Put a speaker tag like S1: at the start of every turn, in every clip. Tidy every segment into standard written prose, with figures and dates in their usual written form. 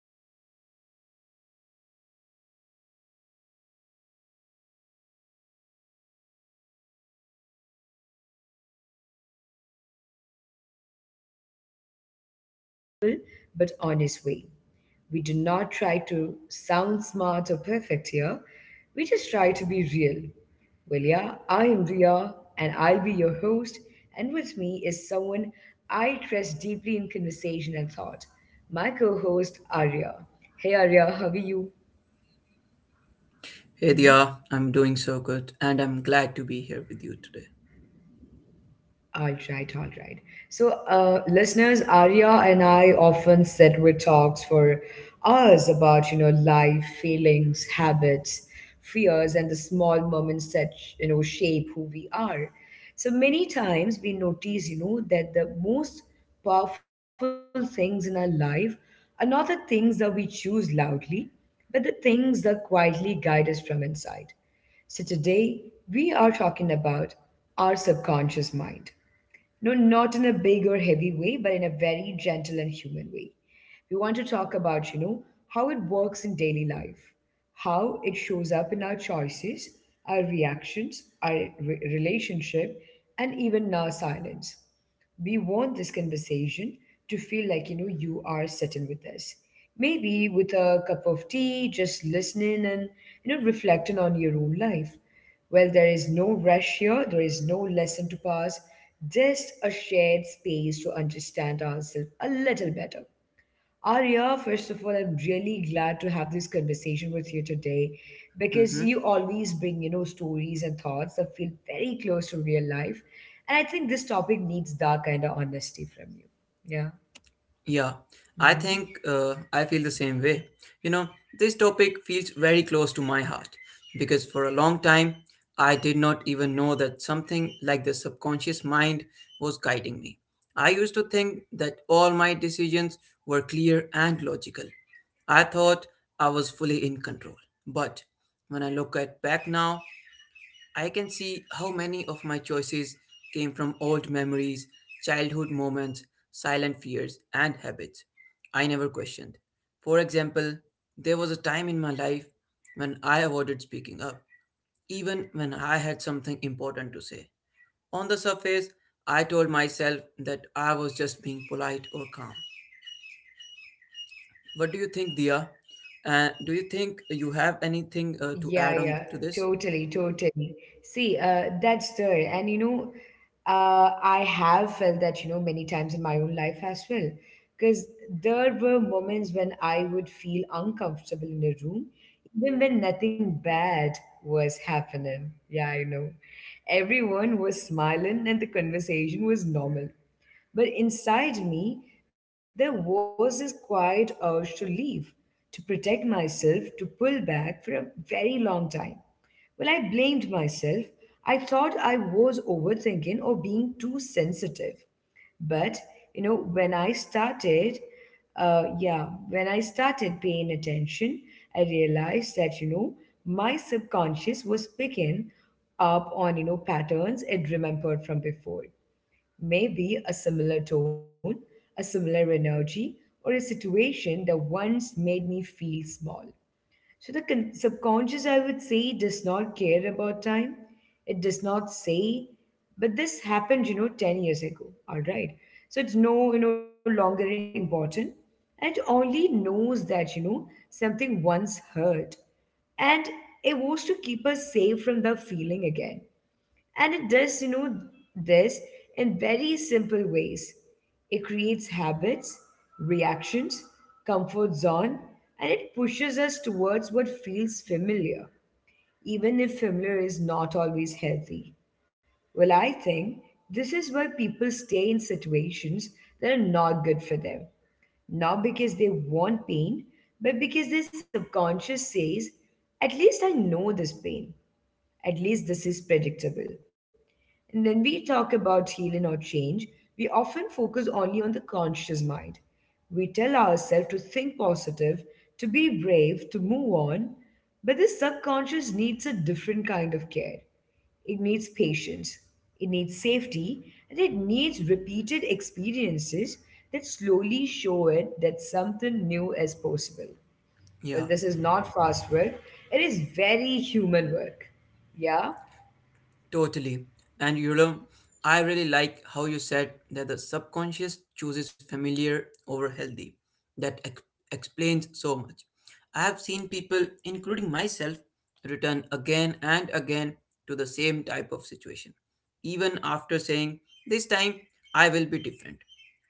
S1: welcome, everyone. I am really happy that you're here listening with us today. Well, this podcast is a quiet place where we slow down and talk about life in a very simple but honest way. We do not try to sound smart or perfect here. We just try to be real. I am Ria, and I'll be your host. And with me is someone I trust deeply in conversation and thought, my co host, Arya. Hey, Arya, how are you?
S2: Hey Dia, I'm doing so good and I'm glad to be here with you today.
S1: All right, all right. Listeners, Arya and I often sit with talks for hours about, life, feelings, habits, fears, and the small moments that, shape who we are. So, many times we notice, that the most powerful things in our life are not the things that we choose loudly, but the things that quietly guide us from inside. So, today we are talking about our subconscious mind. No, not in a big or heavy way, but in a very gentle and human way. We want to talk about, how it works in daily life, how it shows up in our choices, our reactions, relationship, and even our silence. We want this conversation to feel like you know you are sitting with us, maybe with a cup of tea, just listening and reflecting on your own life. Well, there is no rush here, there is no lesson to pass, just a shared space to understand ourselves a little better. Arya, first of all, I'm really glad to have this conversation with you today, because
S2: Hmm.
S1: you always bring, stories and thoughts that feel very close to real life. And I think this topic needs that kind of honesty from you. Yeah.
S2: Yeah, I think
S1: Mm-hmm.
S2: I feel the same way. You know, this topic feels very close to my heart because for a long time I did not even know that something like the subconscious mind was guiding me. I used to think that all my decisions were clear and logical. I thought I was fully in control. But when I look at back now, I can see how many of my choices came from old memories, childhood moments, silent fears, and habits I never questioned. For example, there was a time in my life when I avoided speaking up, even when I had something important to say. On the surface, I told myself that I was just being polite or calm. What do you think, Dia? Do you think you have anything to add
S1: Yeah,
S2: on
S1: yeah,
S2: to this?
S1: totally, totally. See, that's there. I have felt that, many times in my own life as well. Because there were moments when I would feel uncomfortable in a room, even when nothing bad was happening. Yeah, I know. Everyone was smiling and the conversation was normal. But inside me, there was this quiet urge to leave, to protect myself, to pull back for a very long time. I blamed myself. I thought I was overthinking or being too sensitive. But, you know, when I started, yeah, when I started paying attention, I realized that, my subconscious was picking up on, patterns it remembered from before. Maybe a similar tone, a similar energy, or a situation that once made me feel small. So the subconscious, I would say, does not care about time. It does not say, but this happened, 10 years ago. All right. So it's no, longer important. And it only knows that, something once hurt. And it wants to keep us safe from the feeling again. And it does, this in very simple ways. It creates habits, reactions, comfort zone, and it pushes us towards what feels familiar, even if familiar is not always healthy. I think this is why people stay in situations that are not good for them. Not because they want pain, but because their subconscious says, at least I know this pain. At least this is predictable. And when we talk about healing or change, we often focus only on the conscious mind. We tell ourselves to think positive, to be brave, to move on. But the subconscious needs a different kind of care. It needs patience, it needs safety, and it needs repeated experiences that slowly show it that something new is possible. Well,
S2: Yeah.
S1: this is not fast work, it is very human work. Yeah?
S2: Totally. And you know, I really like how you said that the subconscious chooses familiar over healthy. That explains so much. I have seen people, including myself, return again and again to the same type of situation, even after saying, this time I will be different.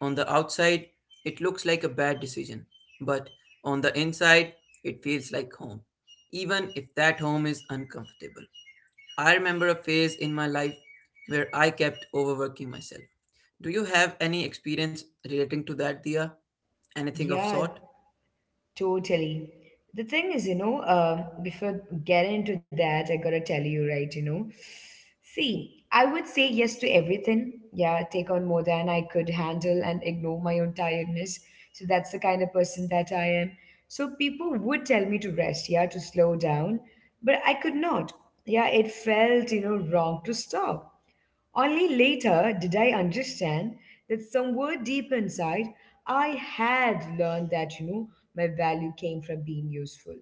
S2: On the outside, it looks like a bad decision, but on the inside, it feels like home, even if that home is uncomfortable. I remember a phase in my life where I kept overworking myself. Do you have any experience relating to that, Dia? Anything of
S1: Yeah,
S2: sort?
S1: totally. The thing is, before getting into that, I gotta tell you, right, see, I would say yes to everything. Yeah, take on more than I could handle and ignore my own tiredness. So that's the kind of person that I am. So people would tell me to rest, yeah, to slow down, but I could not. Yeah, it felt, wrong to stop. Only later did I understand that somewhere deep inside, I had learned that, my value came from being useful.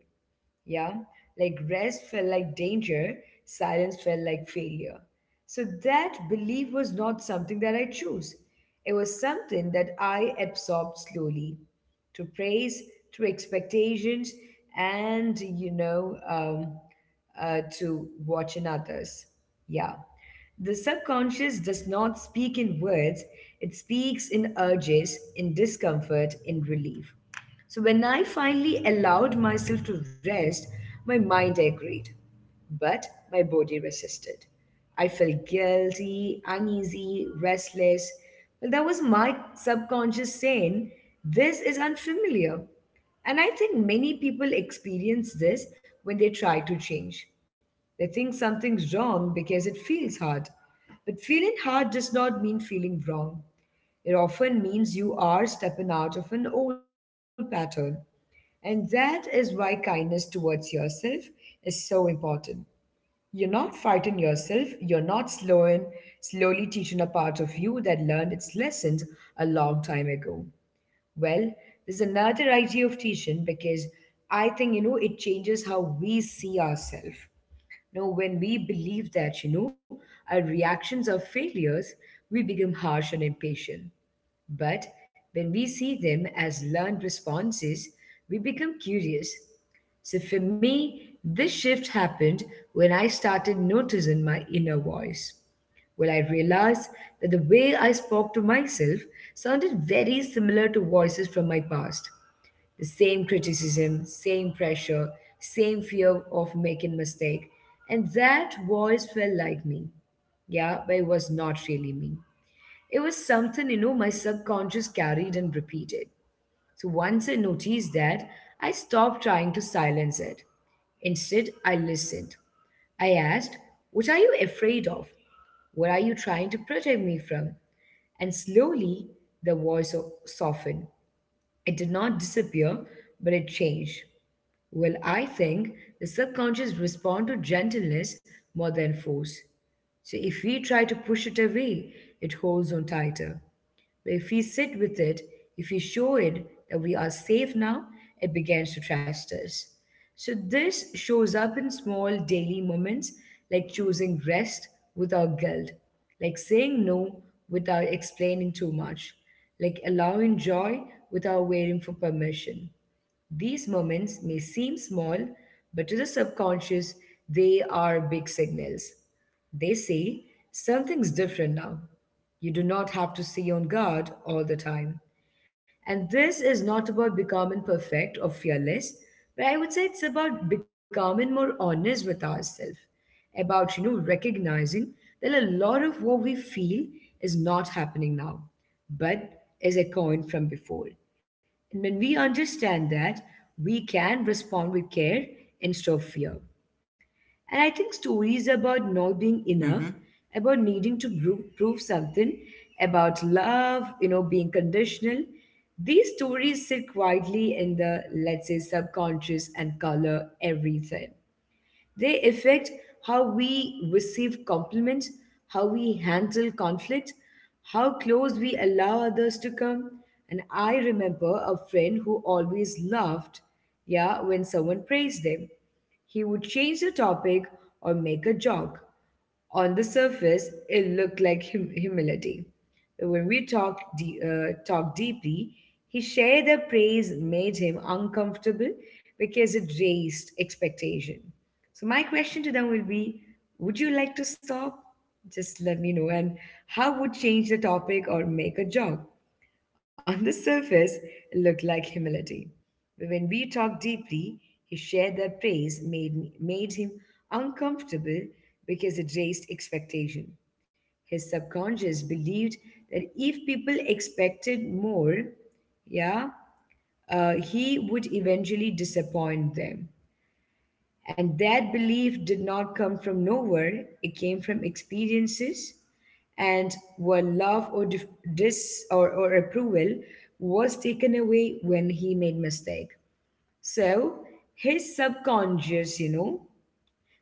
S1: Yeah, like rest felt like danger, silence felt like failure. So that belief was not something that I chose. It was something that I absorbed slowly to praise, to expectations, and, to watching others. Yeah. The subconscious does not speak in words, it speaks in urges, in discomfort, in relief. So when I finally allowed myself to rest, my mind agreed, but my body resisted. I felt guilty, uneasy, restless. Well, that was my subconscious saying, this is unfamiliar. And I think many people experience this when they try to change. They think something's wrong because it feels hard. But feeling hard does not mean feeling wrong. It often means you are stepping out of an old pattern. And that is why kindness towards yourself is so important. You're not fighting yourself, you're not slowly teaching a part of you that learned its lessons a long time ago. Well, there's another idea of teaching because I think, it changes how we see ourselves. Now, when we believe that, our reactions are failures, we become harsh and impatient. But when we see them as learned responses, we become curious. So for me, this shift happened when I started noticing my inner voice. I realized that the way I spoke to myself sounded very similar to voices from my past. The same criticism, same pressure, same fear of making mistake. And that voice felt like me. Yeah, but it was not really me. It was something, my subconscious carried and repeated. So once I noticed that, I stopped trying to silence it. Instead, I listened. I asked, what are you afraid of? What are you trying to protect me from? And slowly, the softened. It did not disappear, but it changed. I think the subconscious responds to gentleness more than force. So if we try to push it away, it holds on tighter. But if we sit with it, if we show it that we are safe now, it begins to trust us. So this shows up in small daily moments, like choosing rest without guilt, like saying no without explaining too much, like allowing joy without waiting for permission. These moments may seem small, but to the subconscious, they are big signals. They say, something's different now. You do not have to stay on guard all the time. And this is not about becoming perfect or fearless, but I would say it's about becoming more honest with ourselves, about, recognizing that a lot of what we feel is not happening now, but is a coin from before. And when we understand that, we can respond with care instead of fear. And I think stories about not being
S2: Mm-hmm.
S1: enough, about needing to prove something, about love, being conditional, these stories sit quietly in the, let's say, subconscious and color everything. They affect how we receive compliments, how we handle conflict, how close we allow others to come. And I remember a friend who always laughed, yeah, when someone praised them. He would change the topic or make a joke. On the surface, it looked like humility. But when we talked deeply, he shared that praise made him uncomfortable because it raised expectation. So, my question to them will be, would you like to stop? Just let me know. And how would change the topic or make a joke? On the surface, it looked like humility. But when we talked deeply, he shared that praise made him uncomfortable because it raised expectation. His subconscious believed that if people expected more, yeah, he would eventually disappoint them. And that belief did not come from nowhere, it came from experiences and where love or or approval was taken away when he made mistake. So his subconscious,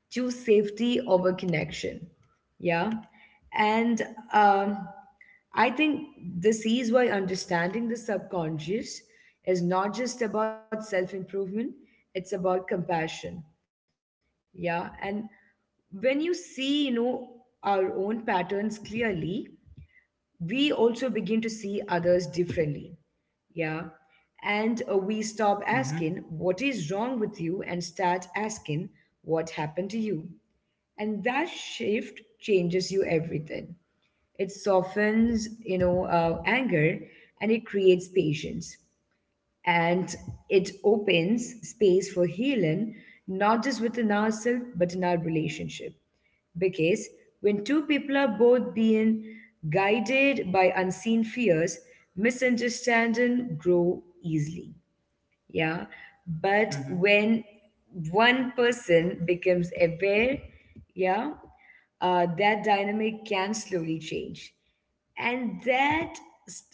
S1: choose safety over connection. Yeah. And um I think this is why understanding the subconscious is not just about self improvement, it's about compassion. Yeah. And when you see, our own patterns clearly, we also begin to see others differently. Yeah. And we stop
S2: Mm-hmm.
S1: asking, what is wrong with you? And start asking, what happened to you? And that shift changes you everything. It softens, anger and it creates patience. And it opens space for healing, not just within ourselves, but in our relationship. Because when two people are both being guided by unseen fears, misunderstanding grow easily. Yeah.
S2: Mm-hmm.
S1: But when one person becomes aware, yeah, that dynamic can slowly change. And that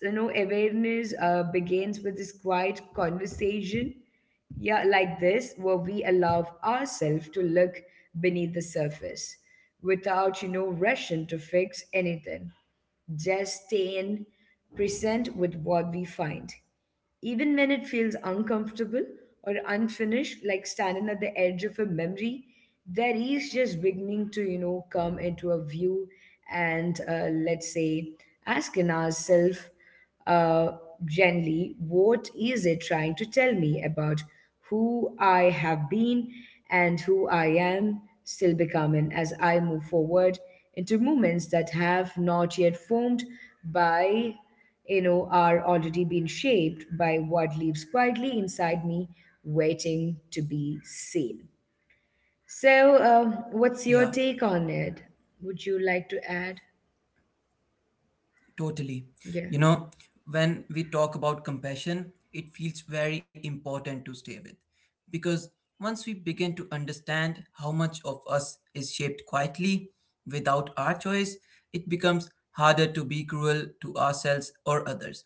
S1: you know awareness uh, begins with this quiet conversation, yeah, like this, where we allow ourselves to look beneath the surface without rushing to fix anything, just staying present with what we find even when it feels uncomfortable or unfinished, like standing at the edge of a memory that is just beginning to, come into a view and let's say asking ourselves uh, gently, what is it trying to tell me about who I have been and who I am still becoming as I move forward into movements that have not yet formed by are already being shaped by what lives quietly inside me, waiting to be seen. So, what's
S2: Yeah.
S1: your take on it? Would you like to add?
S2: Totally.
S1: Yeah.
S2: You know, when we talk about compassion, it feels very important to stay with. Because once we begin to understand how much of us is shaped quietly without our choice, it becomes harder to be cruel to ourselves or others.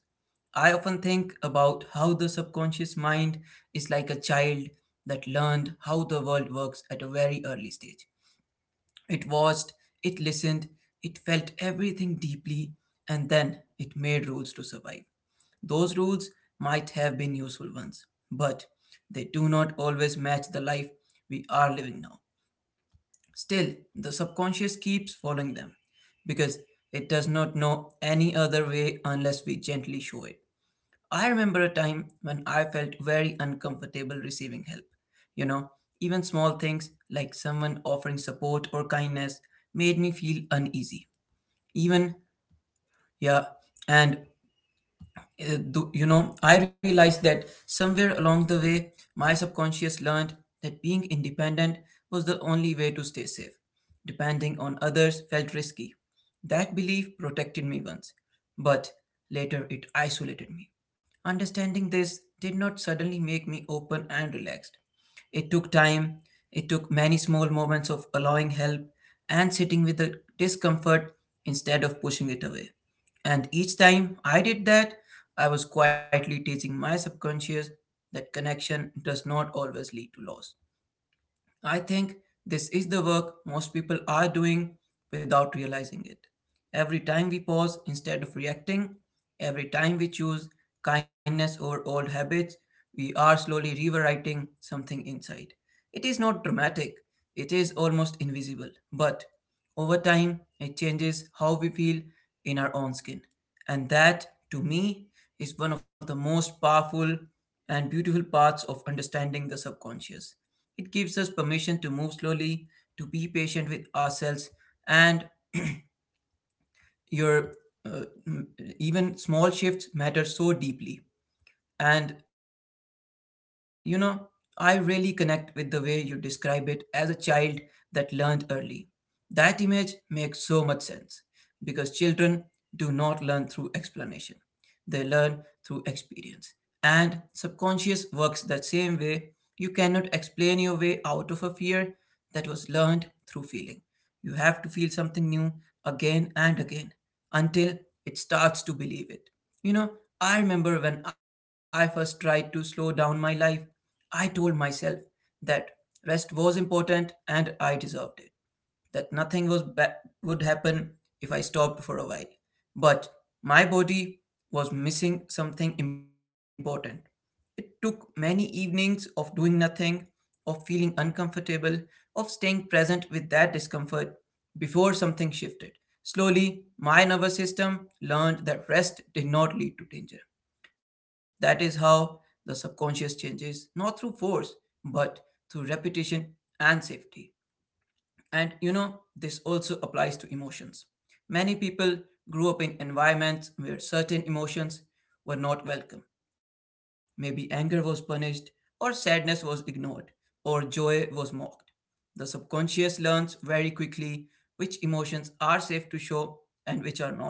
S2: I often think about how the subconscious mind is like a child that learned how the world works at a very early stage. It watched, it listened, it felt everything deeply, and then it made rules to survive. Those rules might have been useful ones, but they do not always match the life we are living now. Still, the subconscious keeps following them because it does not know any other way unless we gently show it. I remember a time when I felt very uncomfortable receiving help. You know, even small things like someone offering support or kindness made me feel uneasy. Even, yeah, and you know, I realized that somewhere along the way, my subconscious learned that being independent was the only way to stay safe. Depending on others felt risky. That belief protected me once, but later it isolated me. Understanding this did not suddenly make me open and relaxed. It took time, it took many small moments of allowing help and sitting with the discomfort instead of pushing it away. And each time I did that, I was quietly teaching my subconscious that connection does not always lead to loss. I think this is the work most people are doing without realizing it. Every time we pause instead of reacting, every time we choose kindness over old habits, we are slowly rewriting something inside. It is not dramatic, it is almost invisible, but over time it changes how we feel in our own skin. And that, to me, is one of the most powerful and beautiful parts of understanding the subconscious. It gives us permission to move slowly, to be patient with ourselves, and your uh, m- even small shifts matter so deeply. And you know, I really connect with the way you describe it as a child that learned early. That image makes so much sense because children do not learn through explanation. They learn through experience. And subconscious works that same way. You cannot explain your way out of a fear that was learned through feeling. You have to feel something new again and again until it starts to believe it. You know, I remember when I first tried to slow down my life, I told myself that rest was important and I deserved it, that nothing was ba- would happen if I stopped for a while. But my body was missing something important. It took many evenings of doing nothing, of feeling uncomfortable, of staying present with that discomfort before something shifted. Slowly, my nervous system learned that rest did not lead to danger. That is how the subconscious changes, not through force, but through repetition and safety. And you know, this also applies to emotions. Many people grew up in environments where certain emotions were not welcome. Maybe anger was punished, or sadness was ignored, or joy was mocked. The subconscious learns very quickly which emotions are safe to show and which are not.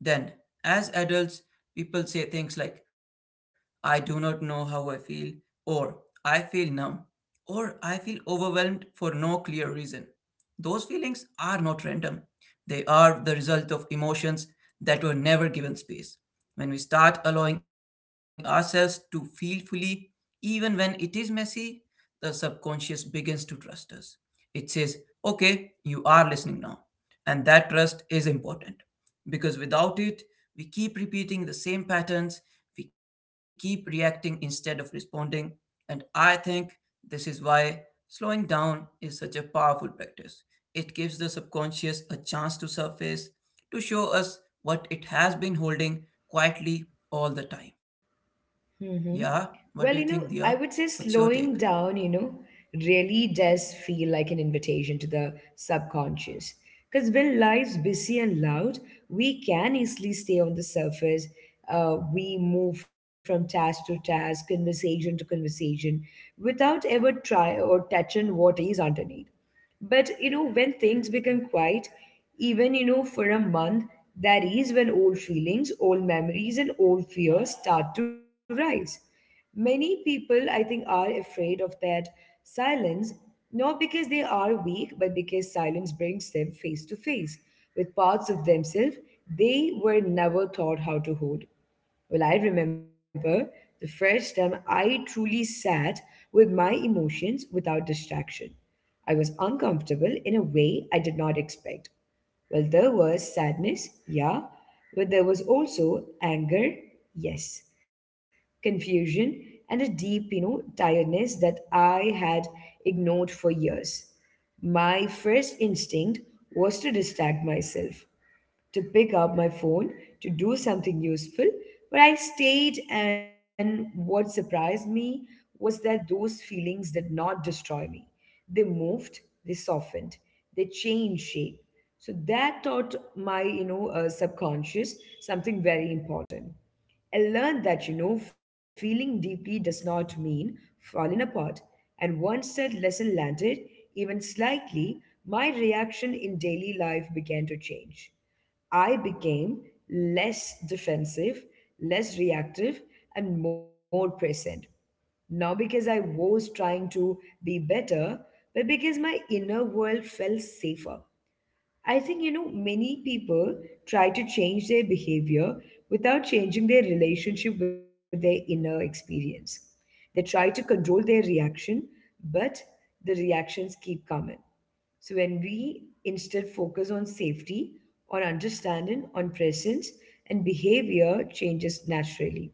S2: Then, as adults, people say things like, I do not know how I feel, or I feel numb, or I feel overwhelmed for no clear reason. Those feelings are not random, they are the result of emotions that were never given space. When we start allowing ourselves to feel fully, even when it is messy, the subconscious begins to trust us. It says, okay, you are listening now. And that trust is important because without it, we keep repeating the same patterns, we keep reacting instead of responding. And I think this is why slowing down is such a powerful practice. It gives the subconscious a chance to surface, to show us what it has been holding quietly all the time. Yeah,
S1: Mm-hmm.
S2: what do you think,
S1: Well,
S2: Dia?
S1: you know, I
S2: What's
S1: would
S2: your
S1: say
S2: take?
S1: slowing down, really does feel like an invitation to the subconscious. Because when life's busy and loud, we can easily stay on the surface. We move from task to task, conversation to conversation, without ever try or touching what is underneath. But you know, when things become quiet, even you know, for a month, that is when old feelings, old memories, and old fears start to rise. Many people, I think, are afraid of that silence, not because they are weak, but because silence brings them face to face with parts of themselves they were never taught how to hold. Well, I remember the first time I truly sat with my emotions without distraction. I was uncomfortable in a way I did not expect. Well, there was sadness, yeah, but there was also anger, yes, confusion, and a deep, tiredness that I had ignored for years. My first instinct was to distract myself, to pick up my phone to do something useful, but I stayed, and what surprised me was that those feelings did not destroy me. They moved, they softened, they changed shape. So that taught my subconscious something very important. I learned that, you know, feeling deeply does not mean falling apart. And once that lesson landed, even slightly, my reaction in daily life began to change. I became less defensive, less reactive, and more present. Not because I was trying to be better, but because my inner world felt safer. I think, you know, many people try to change their behavior without changing their relationship with their inner experience. They try to control their reaction, but the reactions keep coming. So when we instead focus on safety, on understanding, on presence, and behavior changes naturally.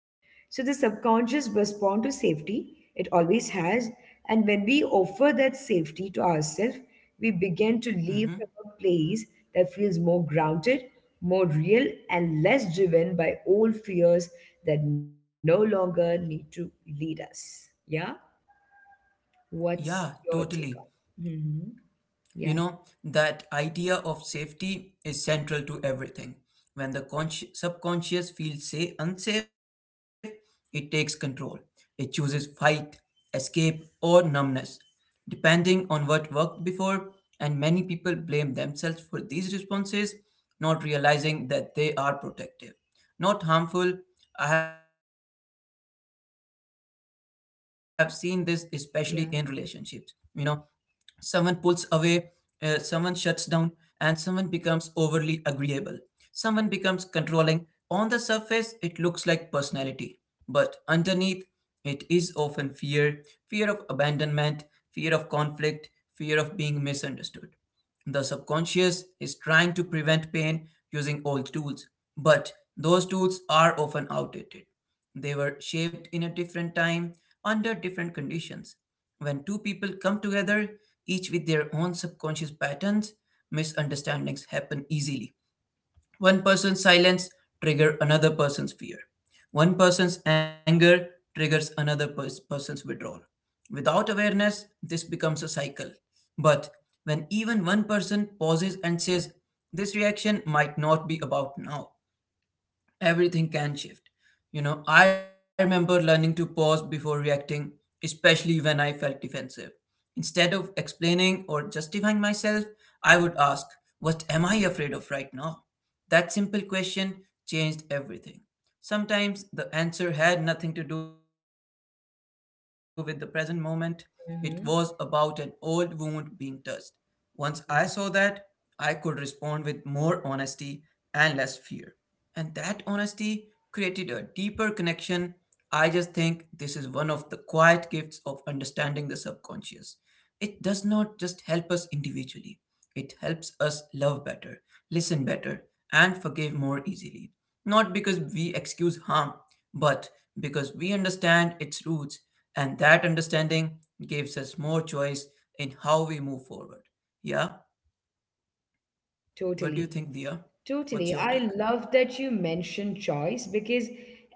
S1: So the subconscious responds to safety, it always has, and when we offer that safety to ourselves, we begin to live
S2: Hmm.
S1: from a place that feels more grounded, more real, and less driven by old fears that no longer need to lead us. Yeah? What's
S2: Yeah,
S1: your take
S2: totally.
S1: on? Hmm.
S2: You
S1: Yeah.
S2: know, that idea of safety is central to everything. When the subconscious feels say unsafe, it takes control, it chooses fight, escape, or numbness, depending on what worked before. And many people blame themselves for these responses, not realizing that they are protective, not harmful. I have seen this especially in relationships. You know, someone pulls
S1: Yeah.
S2: away, someone shuts down, and someone becomes overly agreeable. Someone becomes controlling. On the surface, it looks like personality, but underneath, it is often fear: fear of abandonment, fear of conflict, fear of being misunderstood. The subconscious is trying to prevent pain using old tools, but those tools are often outdated. They were shaped in a different time under different conditions. When two people come together, each with their own subconscious patterns, misunderstandings happen easily. One person's silence triggers another person's fear. One person's anger triggers another person's withdrawal. Without awareness, this becomes a cycle. But when even one person pauses and says, this reaction might not be about now, everything can shift. You know, I remember learning to pause before reacting, especially when I felt defensive. Instead of explaining or justifying myself, I would ask, what am I afraid of right now? That simple question changed everything. Sometimes the answer had nothing to do with the present moment, it was about an old wound
S1: Hmm.
S2: being touched. Once I saw that, I could respond with more honesty and less fear. And that honesty created a deeper connection. I just think this is one of the quiet gifts of understanding the subconscious. It does not just help us individually, it helps us love better, listen better, and forgive more easily. Not because we excuse harm, but because we understand its roots, and that understanding gives us more choice in how we move forward. Yeah? What do you
S1: Totally.
S2: think, Dia?
S1: Totally.
S2: What's your
S1: I
S2: take?
S1: love that you mentioned choice because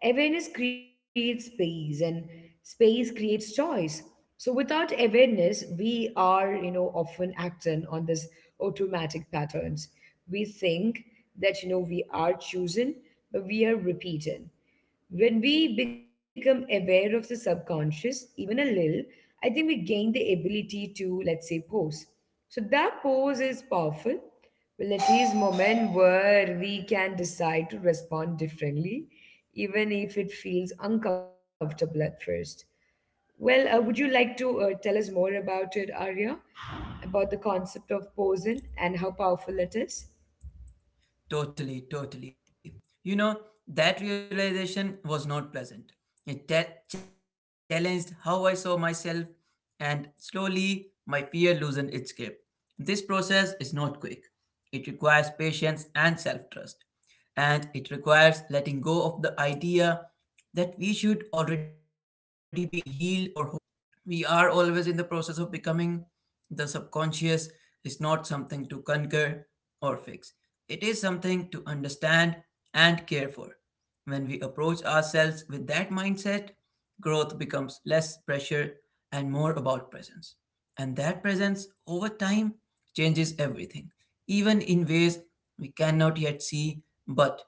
S1: awareness creates space and space creates choice. So without awareness, we are, you know, often acting on this automatic patterns. We think that, you know, we are choosing, but we are repeating. When we become aware of the subconscious, even a little, I think we gain the ability to, let's say, pause. So that pause is powerful well, it is moment where we can decide to respond differently, even if it feels uncomfortable at first. Well, would you like to tell us more about it, Arya, about the concept of posing and how powerful it is?
S2: Totally, totally. You know, that realization was not pleasant. It challenged how I saw myself, and slowly my fear loosened its grip. This process is not quick, it requires patience and self trust, and it requires letting go of the idea that we should already be healed or whole. We are always in the process of becoming. The subconscious is not something to conquer or fix, it is something to understand and care for. When we approach ourselves with that mindset, growth becomes less pressure and more about presence. And that presence, over time, changes everything, even in ways we cannot yet see, but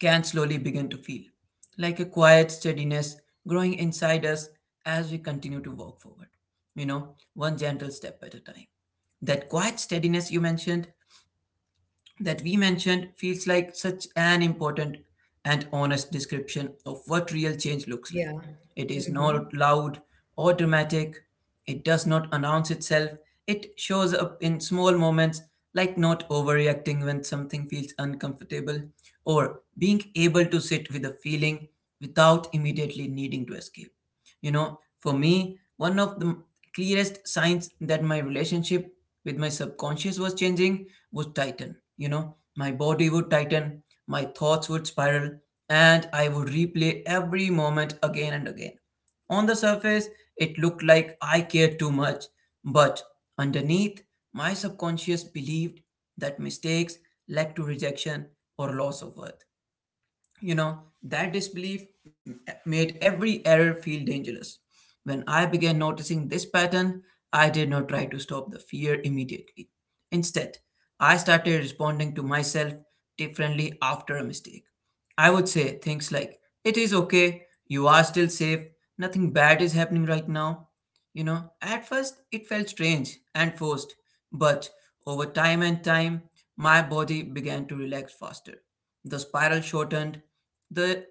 S2: can slowly begin to feel, like a quiet steadiness growing inside us as we continue to walk forward, you know, one gentle step at a time. That quiet steadiness you mentioned, that we mentioned, feels like such an important and honest description of what real change looks like.
S1: Yeah.
S2: It is
S1: Mm-hmm.
S2: not loud or dramatic, it does not announce itself, it shows up in small moments like not overreacting when something feels uncomfortable or being able to sit with a feeling without immediately needing to escape. You know, for me, one of the clearest signs that my relationship with my subconscious was changing was tighten. You know, my body would tighten, my thoughts would spiral, and I would replay every moment again and again. On the surface, it looked like I cared too much, but underneath, my subconscious believed that mistakes led to rejection or loss of worth. You know, that made every error feel dangerous. When I began noticing this pattern, I did not try to stop the fear immediately. Instead, I started responding to myself differently after a mistake. I would say things like, it is okay, you are still safe, nothing bad is happening right now. You know, at first it felt strange and forced, but over time and time, my body began to relax faster. The spiral shortened. The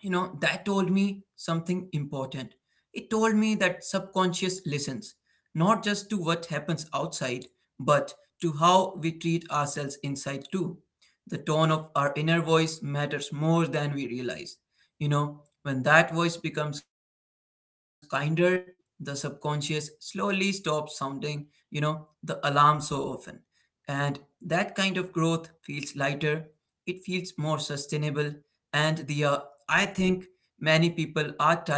S2: you know that told me something important. It told me that subconscious listens not just to what happens outside, but to how we treat ourselves inside too. The tone of our inner voice matters more than we realize. You know, when that voice becomes kinder, the subconscious slowly stops sounding, the alarm so often. And that kind of growth feels lighter, it feels more sustainable, and the I think many people are tired o- of,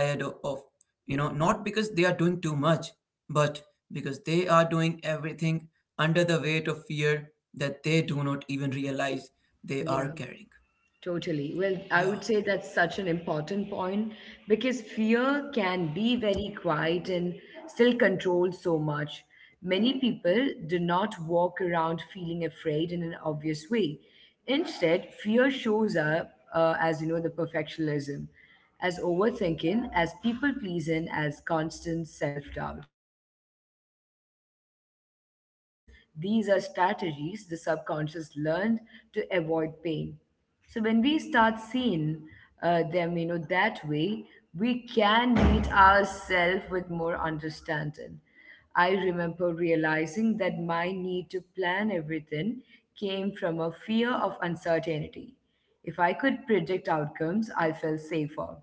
S2: you know, not because they are doing too much, but because they are doing everything under the weight of fear that they do not even realize they are
S1: Yeah.
S2: carrying.
S1: Totally. Well, I
S2: Yeah.
S1: would say that's such an important point because fear can be very quiet and still control so much. Many people do not walk around feeling afraid in an obvious way. Instead, fear shows up as, you know, the perfectionism, as overthinking, as people pleasing, as constant self doubt. Well, these are not personality flaws, these are strategies the subconscious learned to avoid pain. So when we start seeing them, you know, that way, we can meet ourselves with more understanding. I remember realizing that my need to plan everything came from a fear of uncertainty. If I could predict outcomes, I felt safer.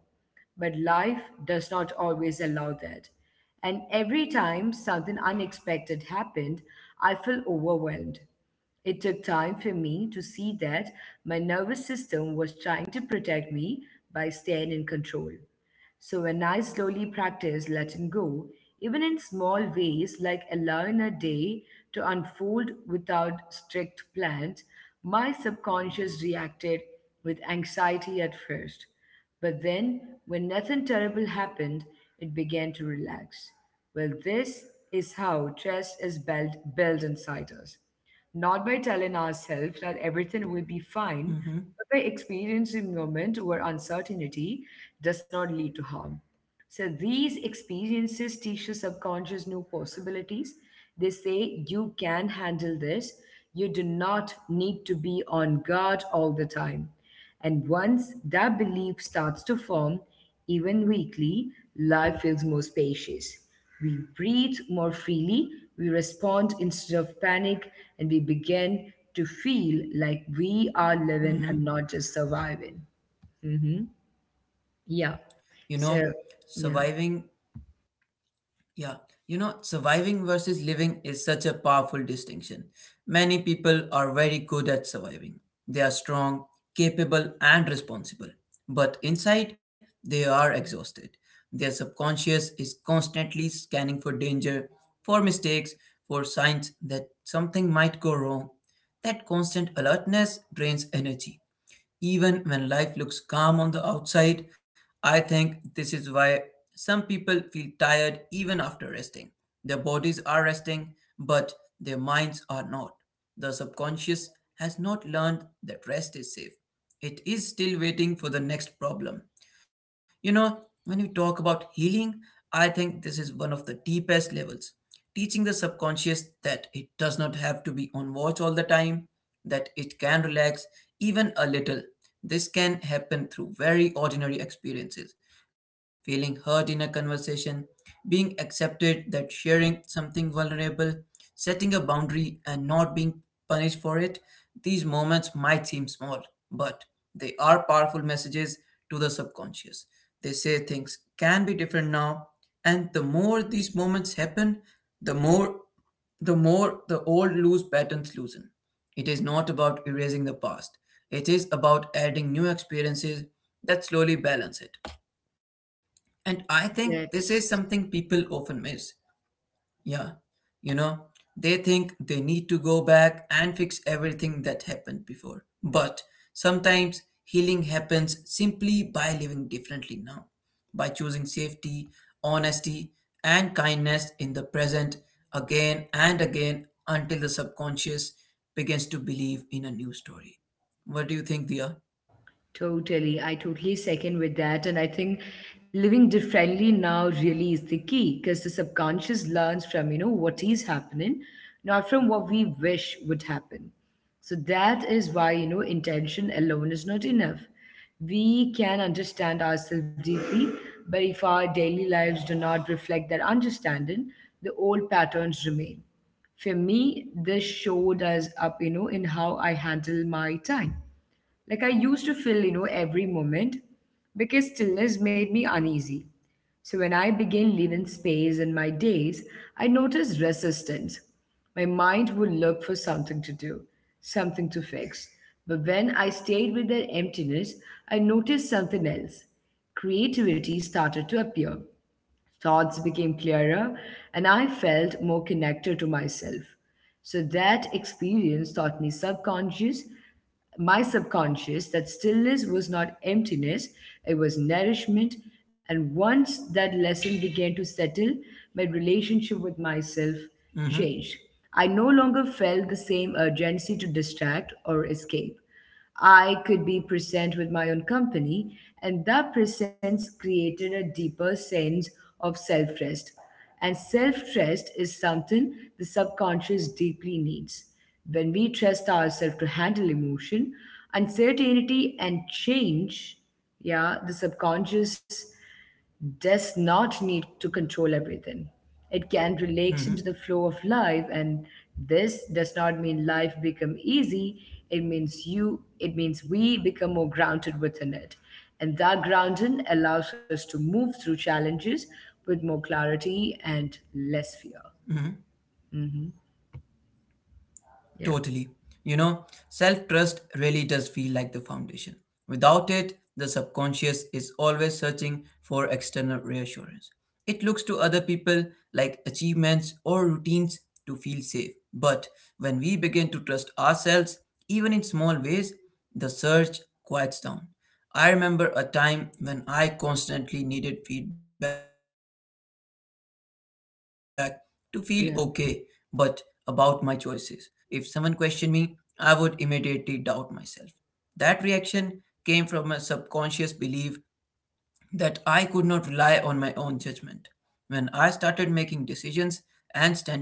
S1: But life does not always allow that. And every time something unexpected happened, I felt overwhelmed. It took time for me to see that my nervous system was trying to protect me by staying in control. So when I slowly practiced letting go, even in small ways like allowing a day to unfold without strict plans, my subconscious reacted with anxiety at first. But then, when nothing terrible happened, it began to relax. Well, this is how trust is built inside us not by telling ourselves that everything will be fine,
S2: Mm-hmm.
S1: but by experiencing moments where uncertainty does not lead to harm. So these experiences teach your subconscious new possibilities. They say you can handle this. You do not need to be on guard all the time. And once that belief starts to form, even weekly, life feels more spacious. We breathe more freely, we respond instead of panic, and we begin to feel like we are living
S2: Mm-hmm.
S1: and not just surviving. Hmm. Yeah.
S2: You know,
S1: So, yeah.
S2: surviving Yeah, surviving versus living is such a powerful distinction. Many people are very good at surviving. They are strong, capable, and responsible. But inside, they are exhausted. Their subconscious is constantly scanning for danger, for mistakes, for signs that something might go wrong. That constant alertness drains energy. Even when life looks calm on the outside, I think this is why some people feel tired even after resting. Their bodies are resting, but their minds are not. The subconscious has not learned that rest is safe. It is still waiting for the next problem. You know, when we talk about healing, I think this is one of the deepest levels. Teaching the subconscious that it does not have to be on watch all the time, that it can relax even a little. This can happen through very ordinary experiences feeling hurt in a conversation, being accepted that sharing something vulnerable, setting a boundary and not being punished for it. These moments might seem small, but they are powerful messages to the subconscious. They say things can be different now, and the more these moments happen, the more the more the old loose patterns loosen. It is not about erasing the past. It is about adding new experiences that slowly balance it. And I think this is
S1: That's
S2: something people often miss. Yeah, you know, they think they need to go back and fix everything that happened before. But sometimes healing happens simply by living differently now, by choosing safety, honesty, and kindness in the present again and again until the subconscious begins to believe in a new story. What do you think, Dia?
S1: totally, I totally second with that. And I think living differently now really is the key because the subconscious learns from, you know, what is happening, not from what we wish would happen. So that is why, you know, intention alone is not enough. We can understand ourselves deeply, but if our daily lives do not reflect that understanding, the old patterns remain. For me, this showed us up, you know, in how I handle my time. Like I used to feel, you know, every moment because stillness made me uneasy. So when I began leaving space in my days, I noticed resistance. My mind would look for something to do, something to fix. But when I stayed with that emptiness, I noticed something else. Creativity started to appear. Thoughts became clearer, and I felt more connected to myself. So that experience taught me subconscious, my subconscious, that stillness was not emptiness, it was nourishment. And once that lesson began to settle, my
S2: Mm hmm,
S1: relationship with myself changed. I no longer felt the same urgency to distract or escape. I could be present with my own company, and that presence created a deeper sense of self trust. And self trust is something the subconscious deeply needs. When we trust ourselves to handle emotion, uncertainty, and change, yeah, the subconscious does not need to control everything. It can relax
S2: mm
S1: into
S2: hmm,
S1: the flow of life, and this does not mean life become easy. It means we become more grounded within it, and that grounding allows us to move through challenges with more clarity and
S2: mm hmm.
S1: less fear. Hmm.
S2: Totally. You
S1: Yeah,
S2: know, self trust really does feel like the foundation. Without it, the subconscious is always searching for external reassurance. It looks to other people like achievements or routines to feel safe. But when we begin to trust ourselves, even in small ways, the search quiets down. I remember a time when I constantly needed feedback to feel okay, but about my choices. If
S1: yeah,
S2: someone questioned me, I would immediately doubt myself. That reaction came from a subconscious belief that I could not rely on my own judgment. When I started making decisions and standing by them, even when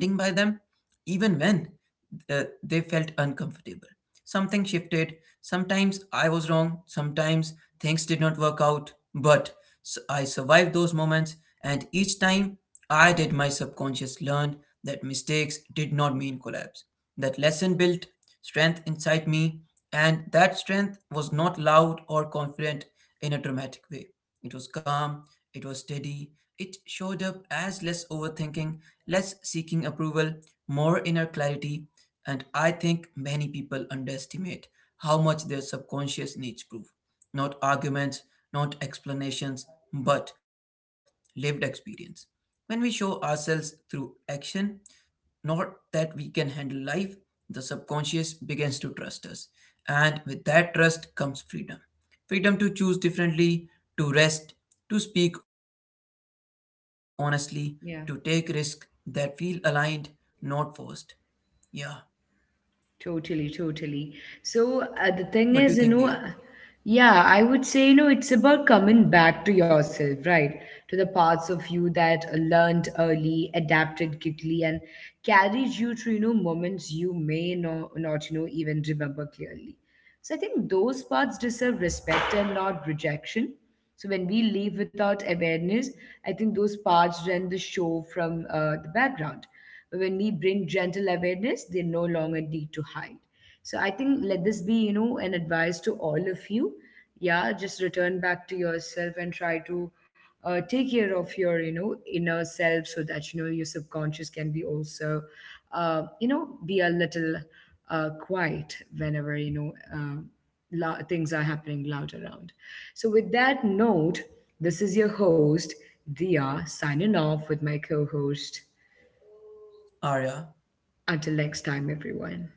S2: they felt uncomfortable. Something shifted. Sometimes I was wrong. Sometimes things did not work out. But I survived those moments, and each time I did, my subconscious learned that mistakes did not mean collapse. That lesson built strength inside me, and that strength was not loud or confident in a dramatic way. It was calm, it was steady, it showed up as less overthinking, less seeking approval, more inner clarity, and I think many people underestimate how much their subconscious needs proof. Not arguments, not explanations, but lived experience. When we show ourselves through action, not that we can handle life, the subconscious begins to trust us. And with that trust comes freedom freedom to choose differently, to rest, to speak honestly, to take risks that feel
S1: yeah.
S2: aligned, not forced. Yeah.
S1: Totally, totally.
S2: What do you
S1: So
S2: think, Dia?
S1: the thing is, you know, yeah, I would say, you know, it's about coming back to yourself, right? To the parts of you that learned early, adapted quickly, and carried you through, you know, moments you may not, you know, even remember clearly. So I think those parts deserve respect and not rejection. So when we live without awareness, I think those parts rent the show from the background. But when we bring gentle awareness, they no longer need to hide. So I think let this be, you know, an advice to all of you. Yeah, just return back to yourself and try to take care of your, you know, inner self so that you know your subconscious can be also, be a little quiet whenever you know, um, things are happening loud around. So with that note, this is your host Dia signing off with my co-host.
S2: Arya?
S1: Until next time, everyone.